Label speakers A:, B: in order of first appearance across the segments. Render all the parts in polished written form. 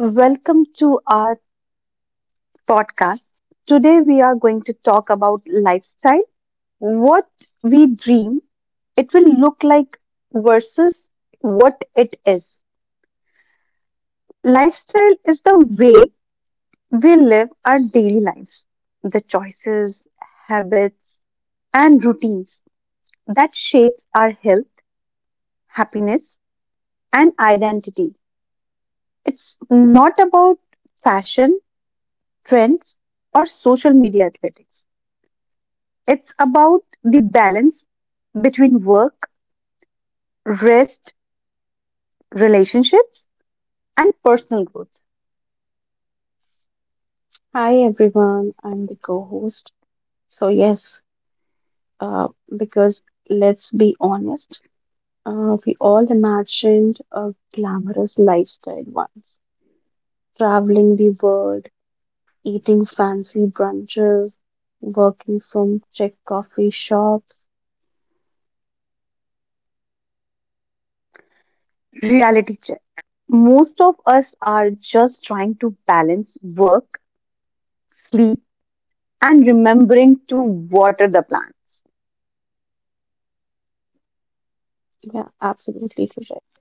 A: Welcome to our podcast. Today we are going to talk about lifestyle, what we dream it will look like versus what it is. Lifestyle is the way we live our daily lives, the choices, habits, and routines that shapes our health, happiness, and identity. It's not about fashion, trends, or social media athletics. It's about the balance between work, rest, relationships, and personal growth.
B: Hi everyone, I'm the co-host. So yes, uh, because let's be honest, we all imagined a glamorous lifestyle once, traveling the world, eating fancy brunches, working from Czech coffee shops.
A: Reality check. Most of us are just trying to balance work, sleep, and remembering to water the plants.
B: Yeah, absolutely correct.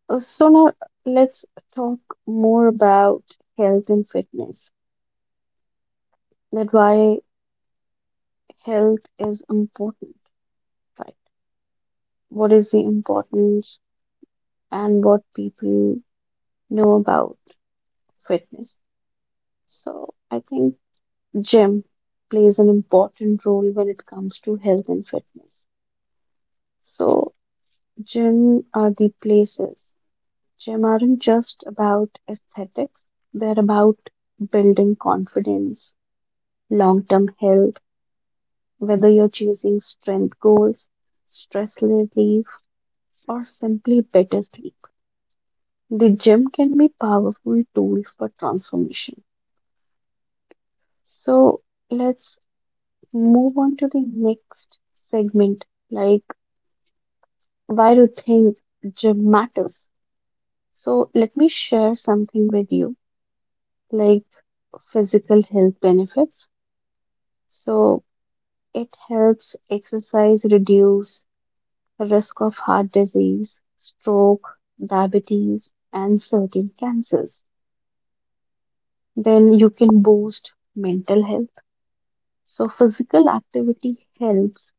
B: So now let's talk more about health and fitness. That why health is important, right? What is the importance? And what people know about fitness. So I think gym plays an important role when it comes to health and fitness. So gym are the places. Gym aren't just about aesthetics. They're about building confidence, long-term health, whether you're chasing strength goals, stress relief, or simply better sleep. The gym can be a powerful tool for transformation. So let's move on to the next segment, like why do you think gym matters? So let me share something with you, like physical health benefits. So it helps exercise reduce the risk of heart disease, stroke, diabetes, and certain cancers. Then you can boost mental health. So physical activity helps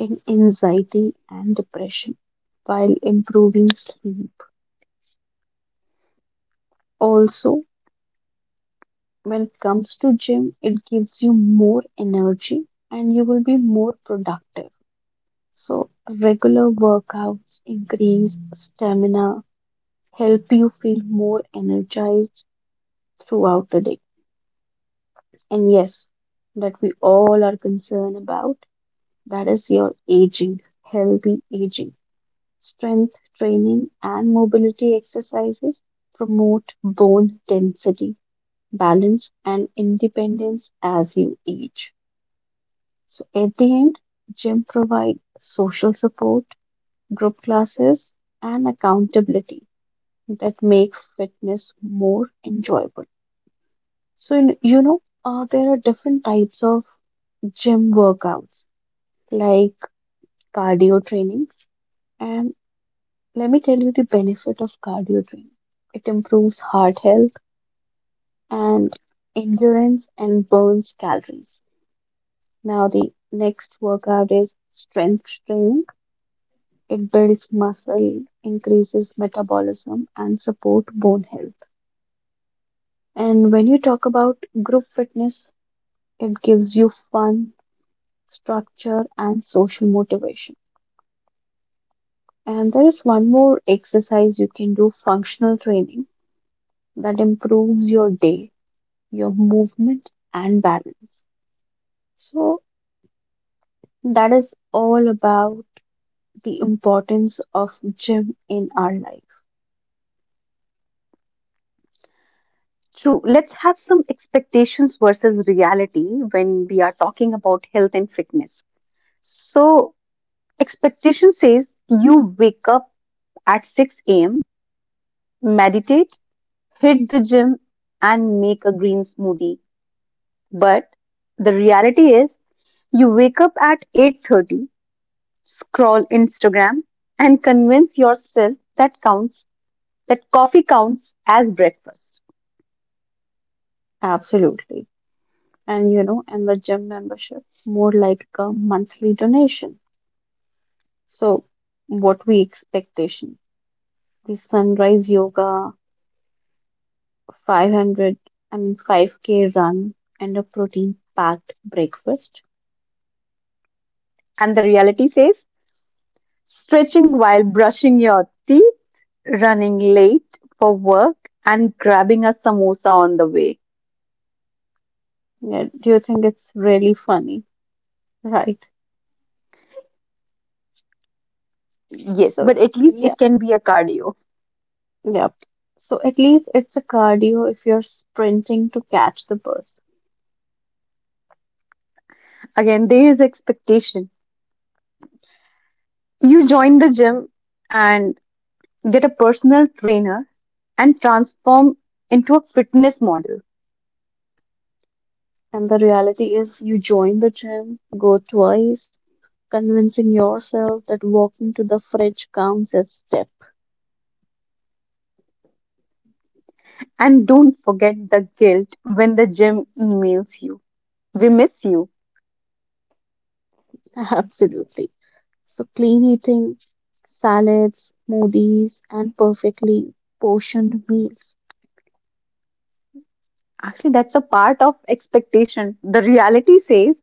B: in anxiety and depression while improving sleep. Also, when it comes to gym, it gives you more energy and you will be more productive. So regular workouts increase stamina, help you feel more energized throughout the day. And yes, that we all are concerned about, that is your aging, healthy aging. Strength training and mobility exercises promote bone density, balance, and independence as you age. So, at the end, gym provide social support, group classes, and accountability that make fitness more enjoyable. So, there are different types of gym workouts like cardio training and let me tell you the benefit of cardio training. It improves heart health and endurance and burns calories. Now the next workout is strength training. It builds muscle, increases metabolism and support bone health. And when you talk about group fitness, it gives you fun, structure and social motivation. And there is one more exercise you can do, functional training, that improves your day, your movement and balance. So that is all about the importance of gym in our life.
A: True, let's have some expectations versus reality when we are talking about health and fitness. So, expectation says you wake up at 6 a.m., meditate, hit the gym and make a green smoothie. But the reality is you wake up at 8:30, scroll Instagram and convince yourself that coffee counts as breakfast.
B: Absolutely. And you know, and the gym membership more like a monthly donation. So what we expectation? The sunrise yoga, 500, I mean 5k run and a protein packed breakfast.
A: And the reality says stretching while brushing your teeth, running late for work and grabbing a samosa on the way.
B: Yeah, do you think it's really funny, right?
A: Yes,
B: So
A: but at least
B: yeah.
A: it can be a cardio.
B: Yep. So at least it's a cardio if you're sprinting to catch the bus.
A: Again, there is expectation. You join the gym and get a personal trainer and transform into a fitness model.
B: And the reality is, you join the gym, go twice, convincing yourself that walking to the fridge counts as step.
A: And don't forget the guilt when the gym emails you. We miss you.
B: Absolutely. So clean eating, salads, smoothies, and perfectly portioned meals.
A: Actually, that's a part of expectation. The reality says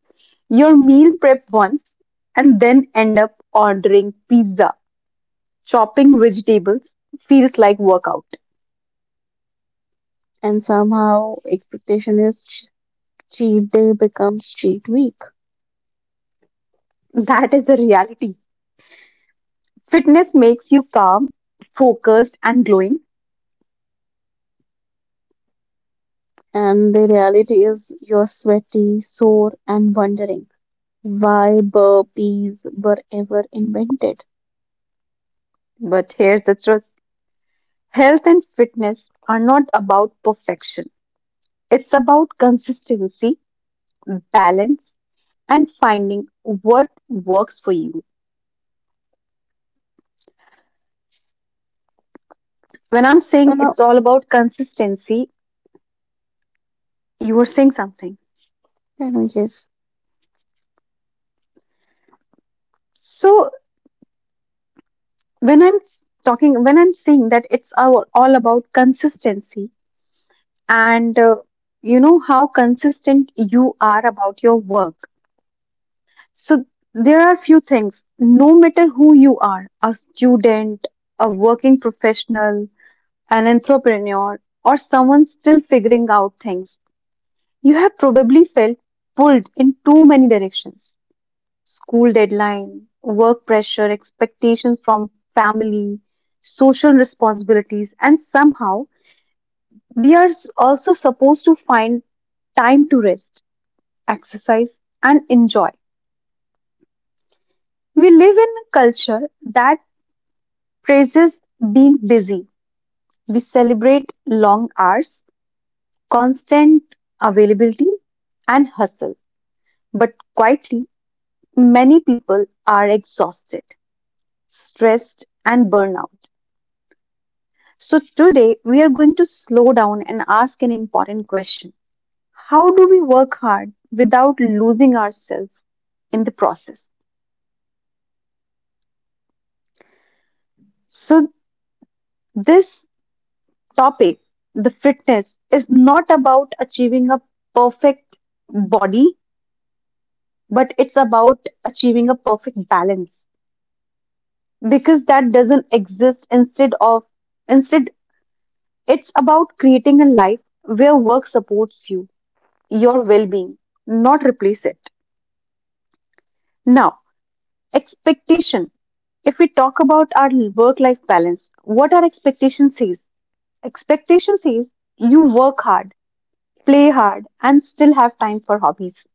A: your meal prep once and then end up ordering pizza. Chopping vegetables feels like workout.
B: And somehow expectation is cheat day becomes cheat week.
A: That is the reality. Fitness makes you calm, focused, and glowing.
B: And the reality is you're sweaty, sore, and wondering why burpees were ever invented.
A: But here's the truth. Health and fitness are not about perfection. It's about consistency, balance, and finding what works for you. When I'm
B: So
A: saying
B: now,
A: it's all about consistency, you are saying something.
B: I know, yes,
A: So when I'm when I'm saying that it's all about consistency, and you know how consistent you are about your work. So there are few things. No matter who you are, a student, a working professional, an entrepreneur, or someone still figuring out things, you have probably felt pulled in too many directions. School deadline, work pressure, expectations from family, social responsibilities, and somehow also supposed to find time to rest, exercise, and enjoy. We live in a culture that praises being busy. We celebrate long hours, constant availability and hustle. But quietly, many people are exhausted, stressed, and burnout. So, today we are going to slow down and ask an important question. How do we work hard without losing ourselves in the process? So, this topic, the fitness, is not about achieving a perfect body, but it's about achieving a perfect balance because that doesn't exist. Instead, it's about creating a life where work supports you your well-being, not replace it. Now, expectation. If we talk about our work life balance, what are expectation says? Expectation says you work hard, play hard and still have time for hobbies.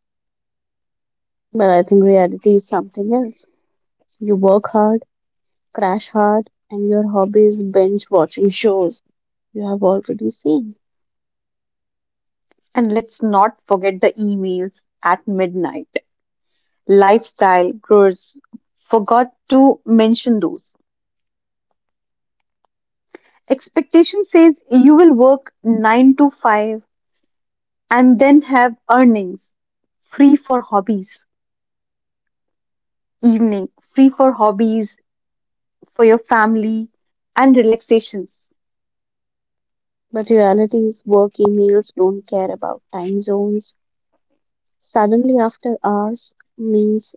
B: but I think reality is something else. You work hard, crash hard, and your hobby is binge watching shows you have already seen.
A: And let's not forget the emails at midnight. Lifestyle growers forgot to mention those. Expectation says you will work 9 to 5 and then have earnings free for hobbies, evening free for hobbies, for your family, and relaxations.
B: But reality is work emails don't care about time zones. Suddenly, after hours means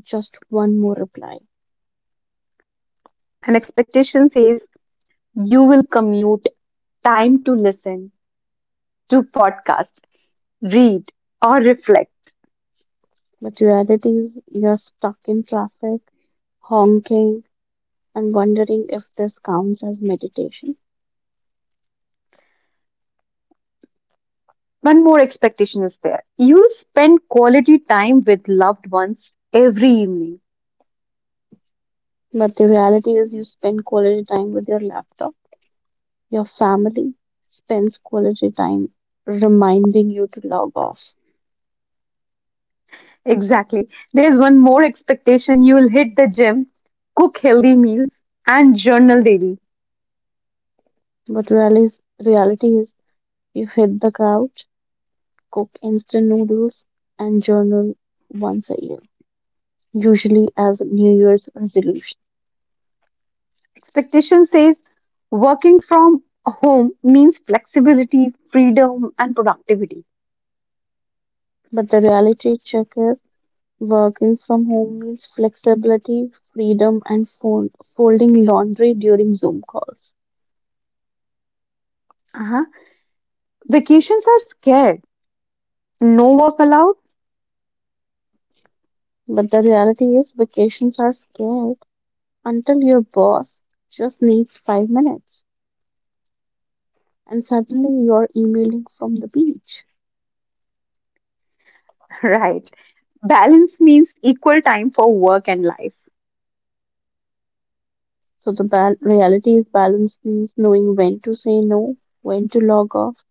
B: just one more reply.
A: And expectation says you will commute time to listen, to podcast, read, or reflect.
B: But reality is you're stuck in traffic, honking, and wondering if this counts as meditation.
A: One more expectation is there. You spend quality time with loved ones every evening.
B: But the reality is, you spend quality time with your laptop. Your family spends quality time reminding you to log off.
A: Exactly. There's one more expectation. You'll hit the gym, cook healthy meals, and journal daily.
B: But reality is, you hit the couch, cook instant noodles, and journal once a year, usually as a New Year's resolution.
A: Expectation says working from home means flexibility, freedom, and productivity.
B: But the reality check is, working from home means flexibility, freedom, and folding laundry during Zoom calls.
A: Uh-huh. Vacations are scared. No work allowed?
B: But the reality is, vacations are scarce until your boss just needs 5 minutes and suddenly you're emailing from the beach.
A: Right. Balance means equal time for work and life.
B: So the reality is balance means knowing when to say no, when to log off,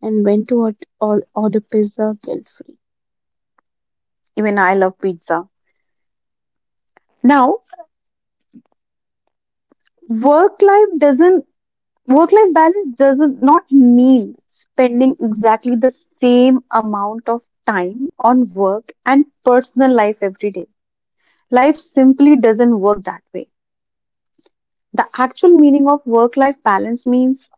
B: and when to order pizza guilt free.
A: Even I love pizza. Now, work life doesn't Work-life balance does not mean spending exactly the same amount of time on work and personal life every day. Life simply doesn't work that way. The actual meaning of work-life balance means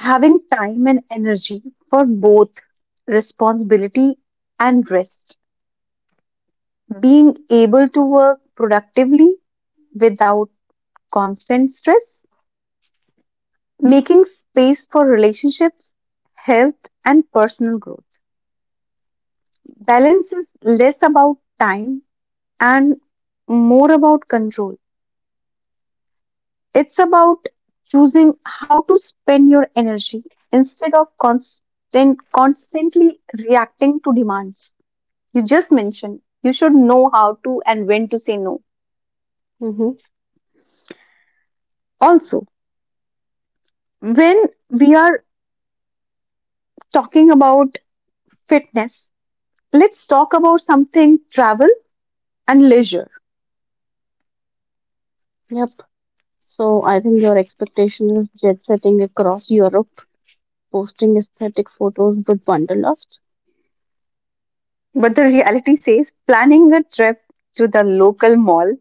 A: having time and energy for both responsibility and rest, being able to work productively without constant stress, making space for relationships, health, and personal growth. Balance is less about time and more about control. It's about choosing how to spend your energy instead of constantly reacting to demands. You just mentioned you should know how to and when to say no.
B: Mm-hmm.
A: Also, when we are talking about fitness, let's talk about something travel and leisure.
B: Yep. So I think your expectation is jet setting across Europe, posting aesthetic photos with wanderlust?
A: But the reality says planning a trip to the local mall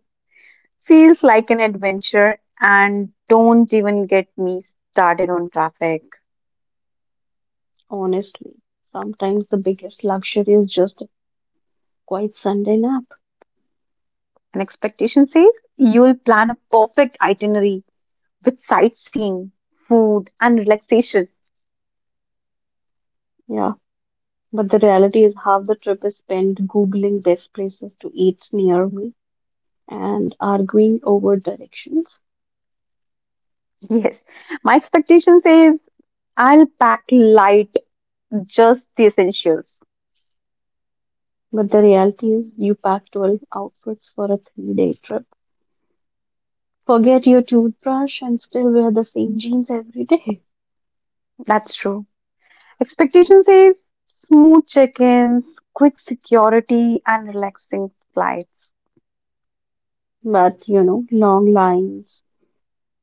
A: feels like an adventure, and don't even get me started on traffic.
B: Honestly, sometimes the biggest luxury is just a quiet Sunday nap.
A: An expectation says you'll plan a perfect itinerary with sightseeing, food, and relaxation.
B: Yeah, but the reality is half the trip is spent Googling best places to eat near me and arguing over directions.
A: Yes, my expectation says I'll pack light, just the essentials.
B: But the reality is you pack 12 outfits for a 3 day trip. Forget your toothbrush and still wear the same jeans every day.
A: That's true. Expectation says smooth check ins, quick security, and relaxing flights.
B: But you know, long lines,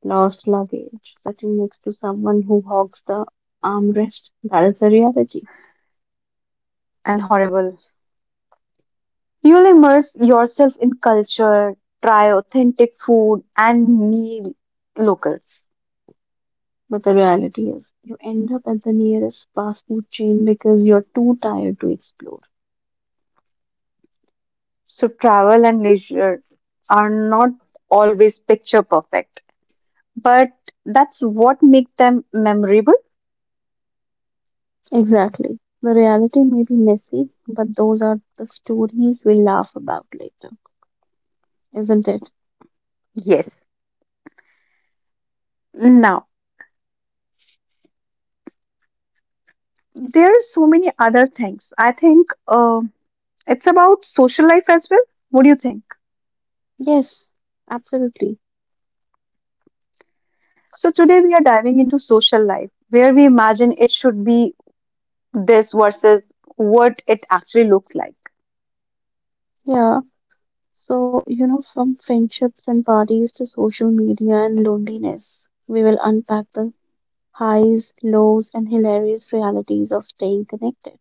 B: lost luggage, sitting next to someone who hogs the armrest. That is the reality.
A: And horrible. You'll immerse yourself in culture, try authentic food, and meet locals.
B: But the reality is, you end up at the nearest fast food chain because you're too tired to explore.
A: So, travel and leisure are not always picture perfect, but that's what makes them memorable.
B: Exactly. The reality may be messy, but those are the stories we laugh about later, isn't it?
A: Yes. Now, there are so many other things. I think it's about social life as well. What do you think?
B: Yes, absolutely.
A: So, today we are diving into social life, where we imagine it should be this versus what it actually looks like.
B: Yeah. So, you know, from friendships and parties to social media and loneliness, we will unpack the highs, lows, and hilarious realities of staying connected.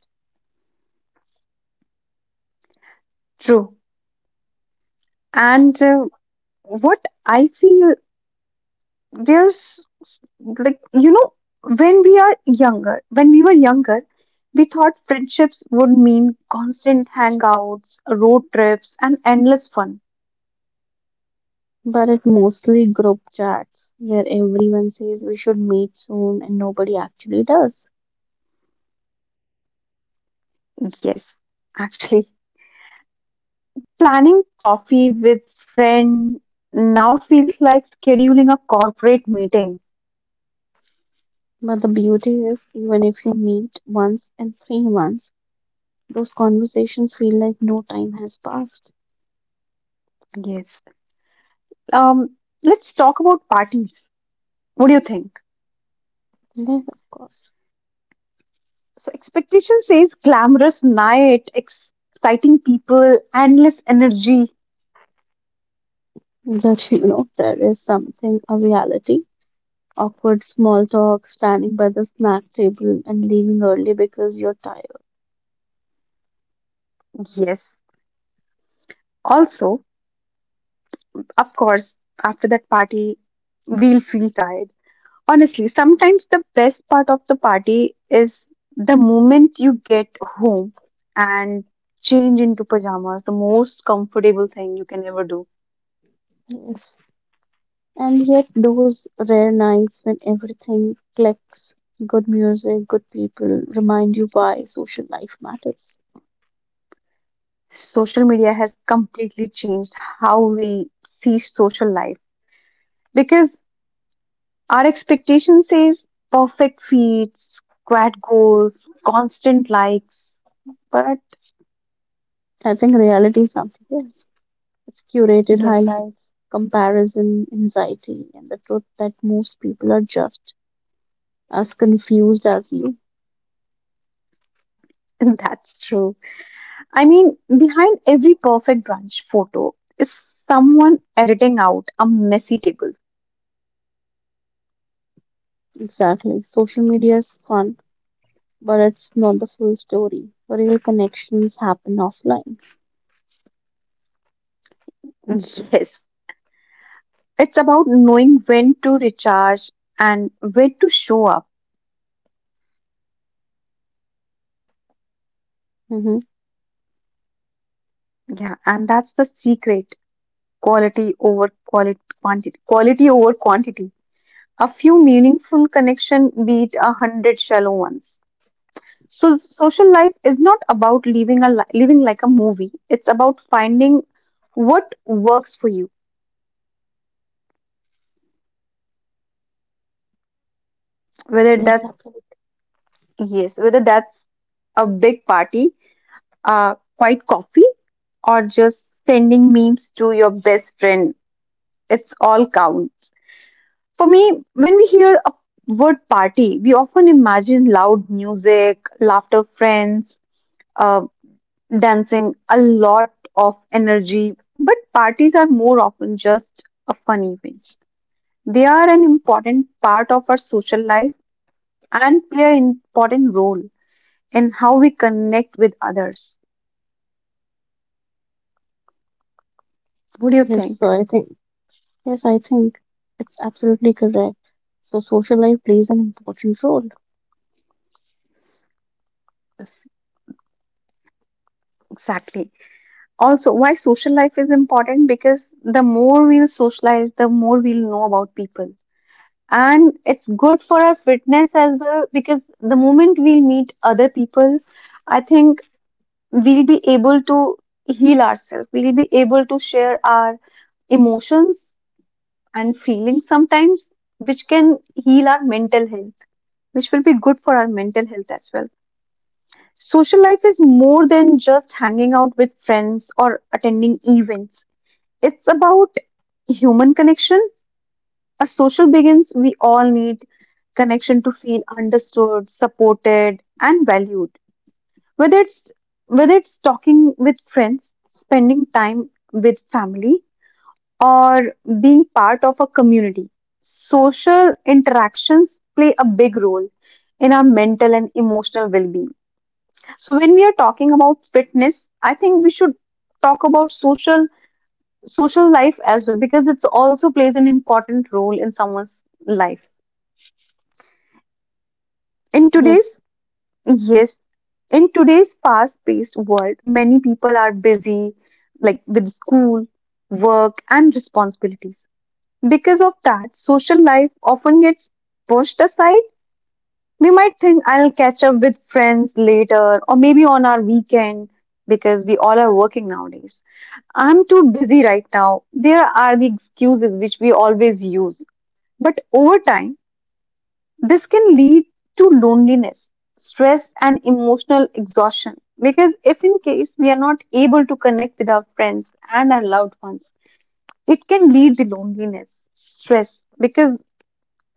A: True. And what I feel there's like, you know, when we were younger, we thought friendships would mean constant hangouts, road trips, and endless fun.
B: But it mostly group chats where everyone says we should meet soon and nobody actually does.
A: Yes, actually, planning coffee with friend now feels like scheduling a corporate meeting.
B: But the beauty is, even if you meet once in 3 months, those conversations feel like no time has passed.
A: Yes. Um, let's talk about parties. What do you think?
B: Yes, of course.
A: So expectation says glamorous night, exciting people, endless energy.
B: That you know, there is something a reality. Awkward small talk, standing by the snack table and leaving early because you're tired.
A: Yes. Also, of course, after that party, we'll feel tired. Honestly, sometimes the best part of the party is the moment you get home and change into pajamas, the most comfortable thing you can ever do.
B: Yes. And yet, those rare nights when everything clicks, good music, good people, remind you why social life matters.
A: Social media has completely changed how we see social life because our expectation says perfect feeds, squad goals, constant likes. But
B: I think reality is something else. It's curated
A: yes,
B: highlights, comparison, anxiety, and the truth that most people are just as confused as you.
A: that's true. I mean, behind every perfect brunch photo is someone editing out a messy table.
B: Exactly. Social media is fun, but it's not the full story. Real connections happen offline.
A: Yes, it's about knowing when to recharge and when to show up.
B: Mm-hmm.
A: Yeah, and that's the secret. Quantity, quality over quantity. A few meaningful connection beat a hundred shallow ones. So social life is not about living like a movie. It's about finding what works for you. Whether that's
B: Yes, absolutely.
A: yes, whether that's a big party, a quiet coffee, or just sending memes to your best friend. It's all counts. For me, when we hear a word party, we often imagine loud music, laughter, friends, uh, dancing, a lot of energy. But parties are more often just a fun event. They are an important part of our social life and play an important role in how we connect with others. What do you
B: Yes, so
A: think?
B: I think yes, I think it's absolutely correct. So social life plays an important role.
A: Yes, exactly. Also, why social life is important? Because the more we'll socialize, the more we'll know about people. And it's good for our fitness as well because the moment we meet other people, I think we'll be able to heal ourselves. We'll be able to share our emotions and feelings sometimes, which can heal our mental health, which will be good for our mental health as well. Social life is more than just hanging out with friends or attending events, it's about human connection. A social begins, we all need connection to feel understood, supported, and valued. Whether it's whether it's talking with friends, spending time with family, or being part of a community, social interactions play a big role in our mental and emotional well-being. So when we are talking about fitness, I think we should talk about social life as well because it's also plays an important role in someone's life. In
B: Yes,
A: today's Yes, in today's fast-paced world, many people are busy, like with school, work, and responsibilities. Because of that, social life often gets pushed aside. We might think I'll catch up with friends later or maybe on our weekend because we all are working nowadays. I'm too busy right now. There are the excuses which we always use. But over time, this can lead to loneliness, stress, and emotional exhaustion. Because if in case we are not able to connect with our friends and our loved ones, it can lead to loneliness, stress, because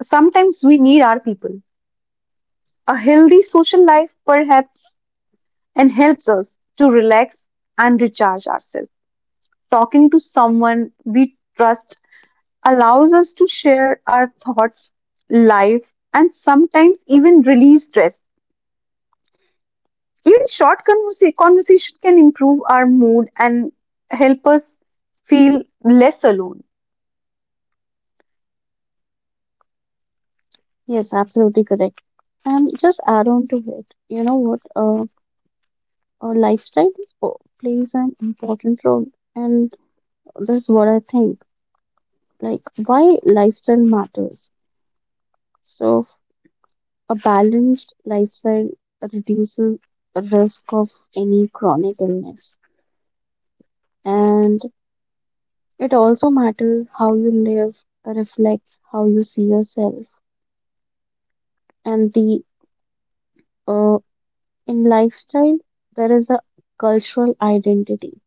A: sometimes we need our people. A healthy social life perhaps and helps us to relax and recharge ourselves. Talking to someone we trust allows us to share our thoughts, life, and sometimes even release stress. Even conversation can improve our mood and help us feel less alone.
B: yes, absolutely correct. And just add on to it, you know what? Our lifestyle plays an important role, and this is what I think, like why lifestyle matters. So a balanced lifestyle reduces the risk of any chronic illness. And it also matters, how you live reflects how you see yourself. And the uh, in lifestyle there is a cultural identity.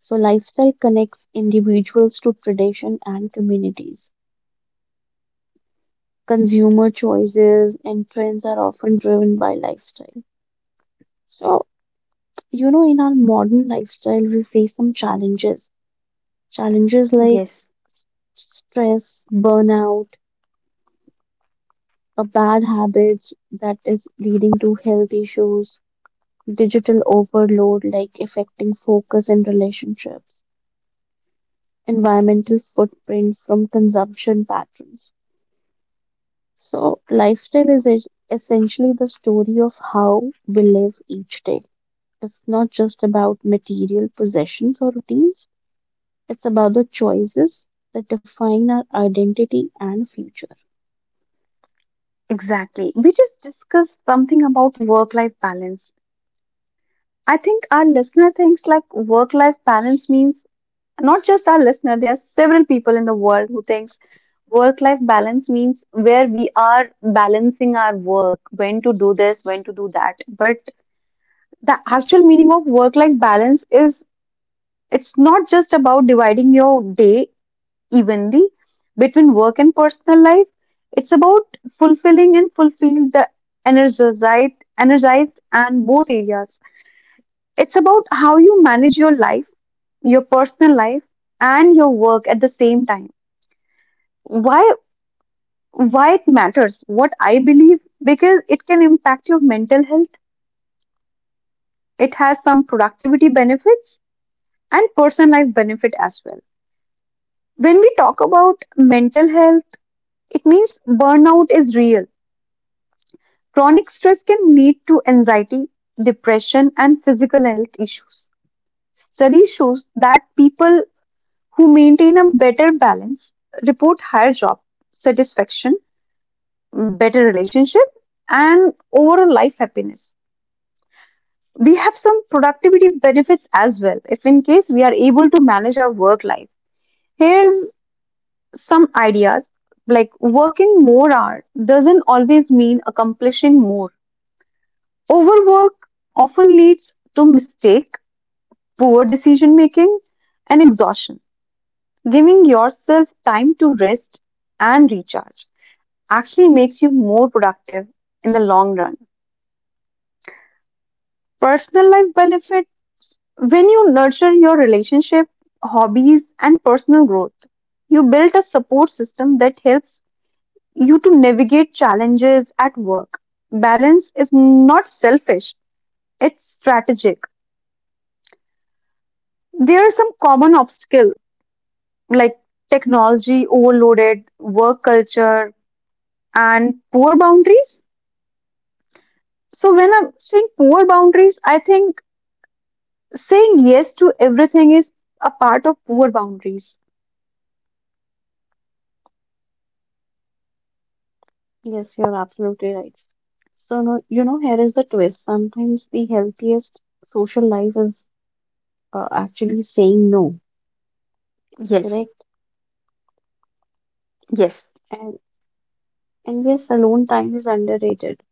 B: So lifestyle connects individuals to tradition and communities. Consumer choices and trends are often driven by lifestyle. So you know, in our modern lifestyle, we face some challenges. Challenges like
A: Yes,
B: s- stress, burnout, a bad habits that is leading to health issues, digital overload, like affecting focus and relationships, environmental footprint from consumption patterns. So, lifestyle is essentially the story of how we live each day. It's not just about material possessions or routines. It's about the choices that define our identity and future.
A: exactly. We just discussed something about work life balance. I think our listener thinks like work life balance means not just our listener, there are several people in the world who thinks work life balance means where we are balancing our work, when to do this, when to do that. But the actual meaning of work life balance is it's not just about dividing your day evenly between work and personal life. It's about fulfilling the energized and both areas. It's about how you manage your life, your personal life, and your work at the same time. Why why it matters? What I believe because it can impact your mental health. It has some productivity benefits and personal life benefit as well. When we talk about mental health, it means burnout is real. Chronic stress can lead to anxiety, depression, and physical health issues. Study shows that people who maintain a better balance report higher job satisfaction, better relationship, and overall life happiness. We have some productivity benefits as well if in case we are able to manage our work life. Here's some ideas like working more hours doesn't always mean accomplishing more. Overwork often leads to mistake, poor decision making, and exhaustion. Giving yourself time to rest and recharge actually makes you more productive in the long run. Personal life benefits when you nurture your relationship, hobbies, and personal growth. You build a support system that helps you to navigate challenges at work. Balance is not selfish, it's strategic. There are some common obstacles like technology overloaded, work culture, and poor boundaries. So, when I'm saying poor boundaries, I think saying yes to everything is a part of poor boundaries.
B: Yes, you're absolutely right. So, no, you know, here is the twist. Sometimes the healthiest social life is actually saying no,
A: Yes,
B: correct?
A: yes,
B: And and yes, alone time is underrated.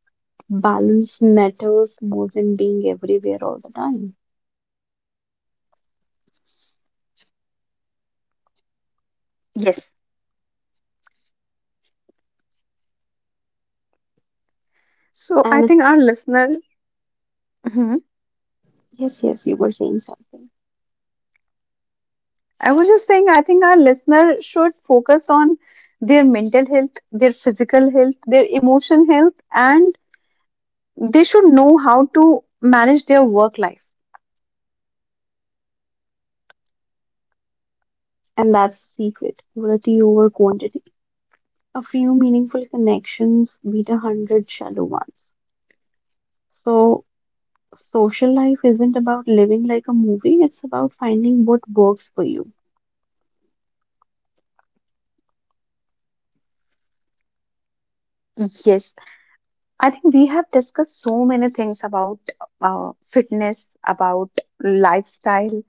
B: Balance matters more than being everywhere all the time.
A: yes. So, I
B: And
A: think our
B: it's
A: listener, mhm,
B: yes, yes, you were saying something,
A: I was just saying, I think our listener should focus on their mental health, their physical health, their emotion health, and they should know how to manage their work life.
B: and that's the secret. Quality over quantity. A few meaningful connections beat a hundred shallow ones. So social life isn't about living like a movie, it's about finding what works for you.
A: Yes, I think we have discussed so many things about fitness, about lifestyle,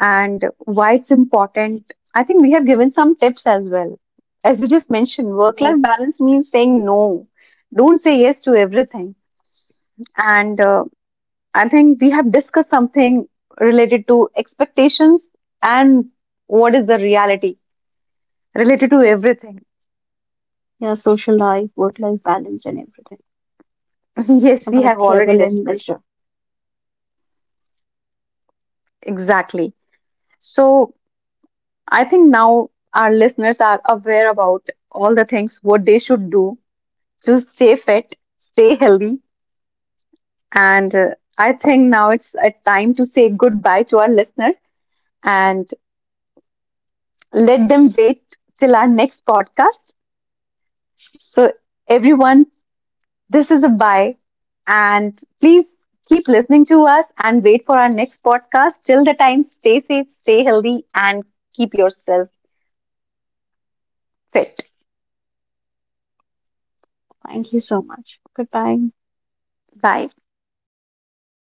A: and why it's important. I think we have given some tips as well. As we just mentioned,
B: Yes,
A: work life balance means saying no. Don't say yes to everything. And I think we have discussed something related to expectations and what is the reality related to
B: yes.
A: everything.
B: Yeah, social life, work life balance, and everything
A: Yes, we
B: about
A: have already
B: travel and
A: discussed.
B: leisure.
A: Exactly. So, I think now our listeners are aware about all the things what they should do to stay fit, stay healthy, and I think now it's a time to say goodbye to our listener and let them wait till our next podcast. So everyone, this is a bye, and please keep listening to us and wait for our next podcast. Till the time, stay safe, stay healthy, and keep yourself fit.
B: Thank you so much. Goodbye.
A: Bye.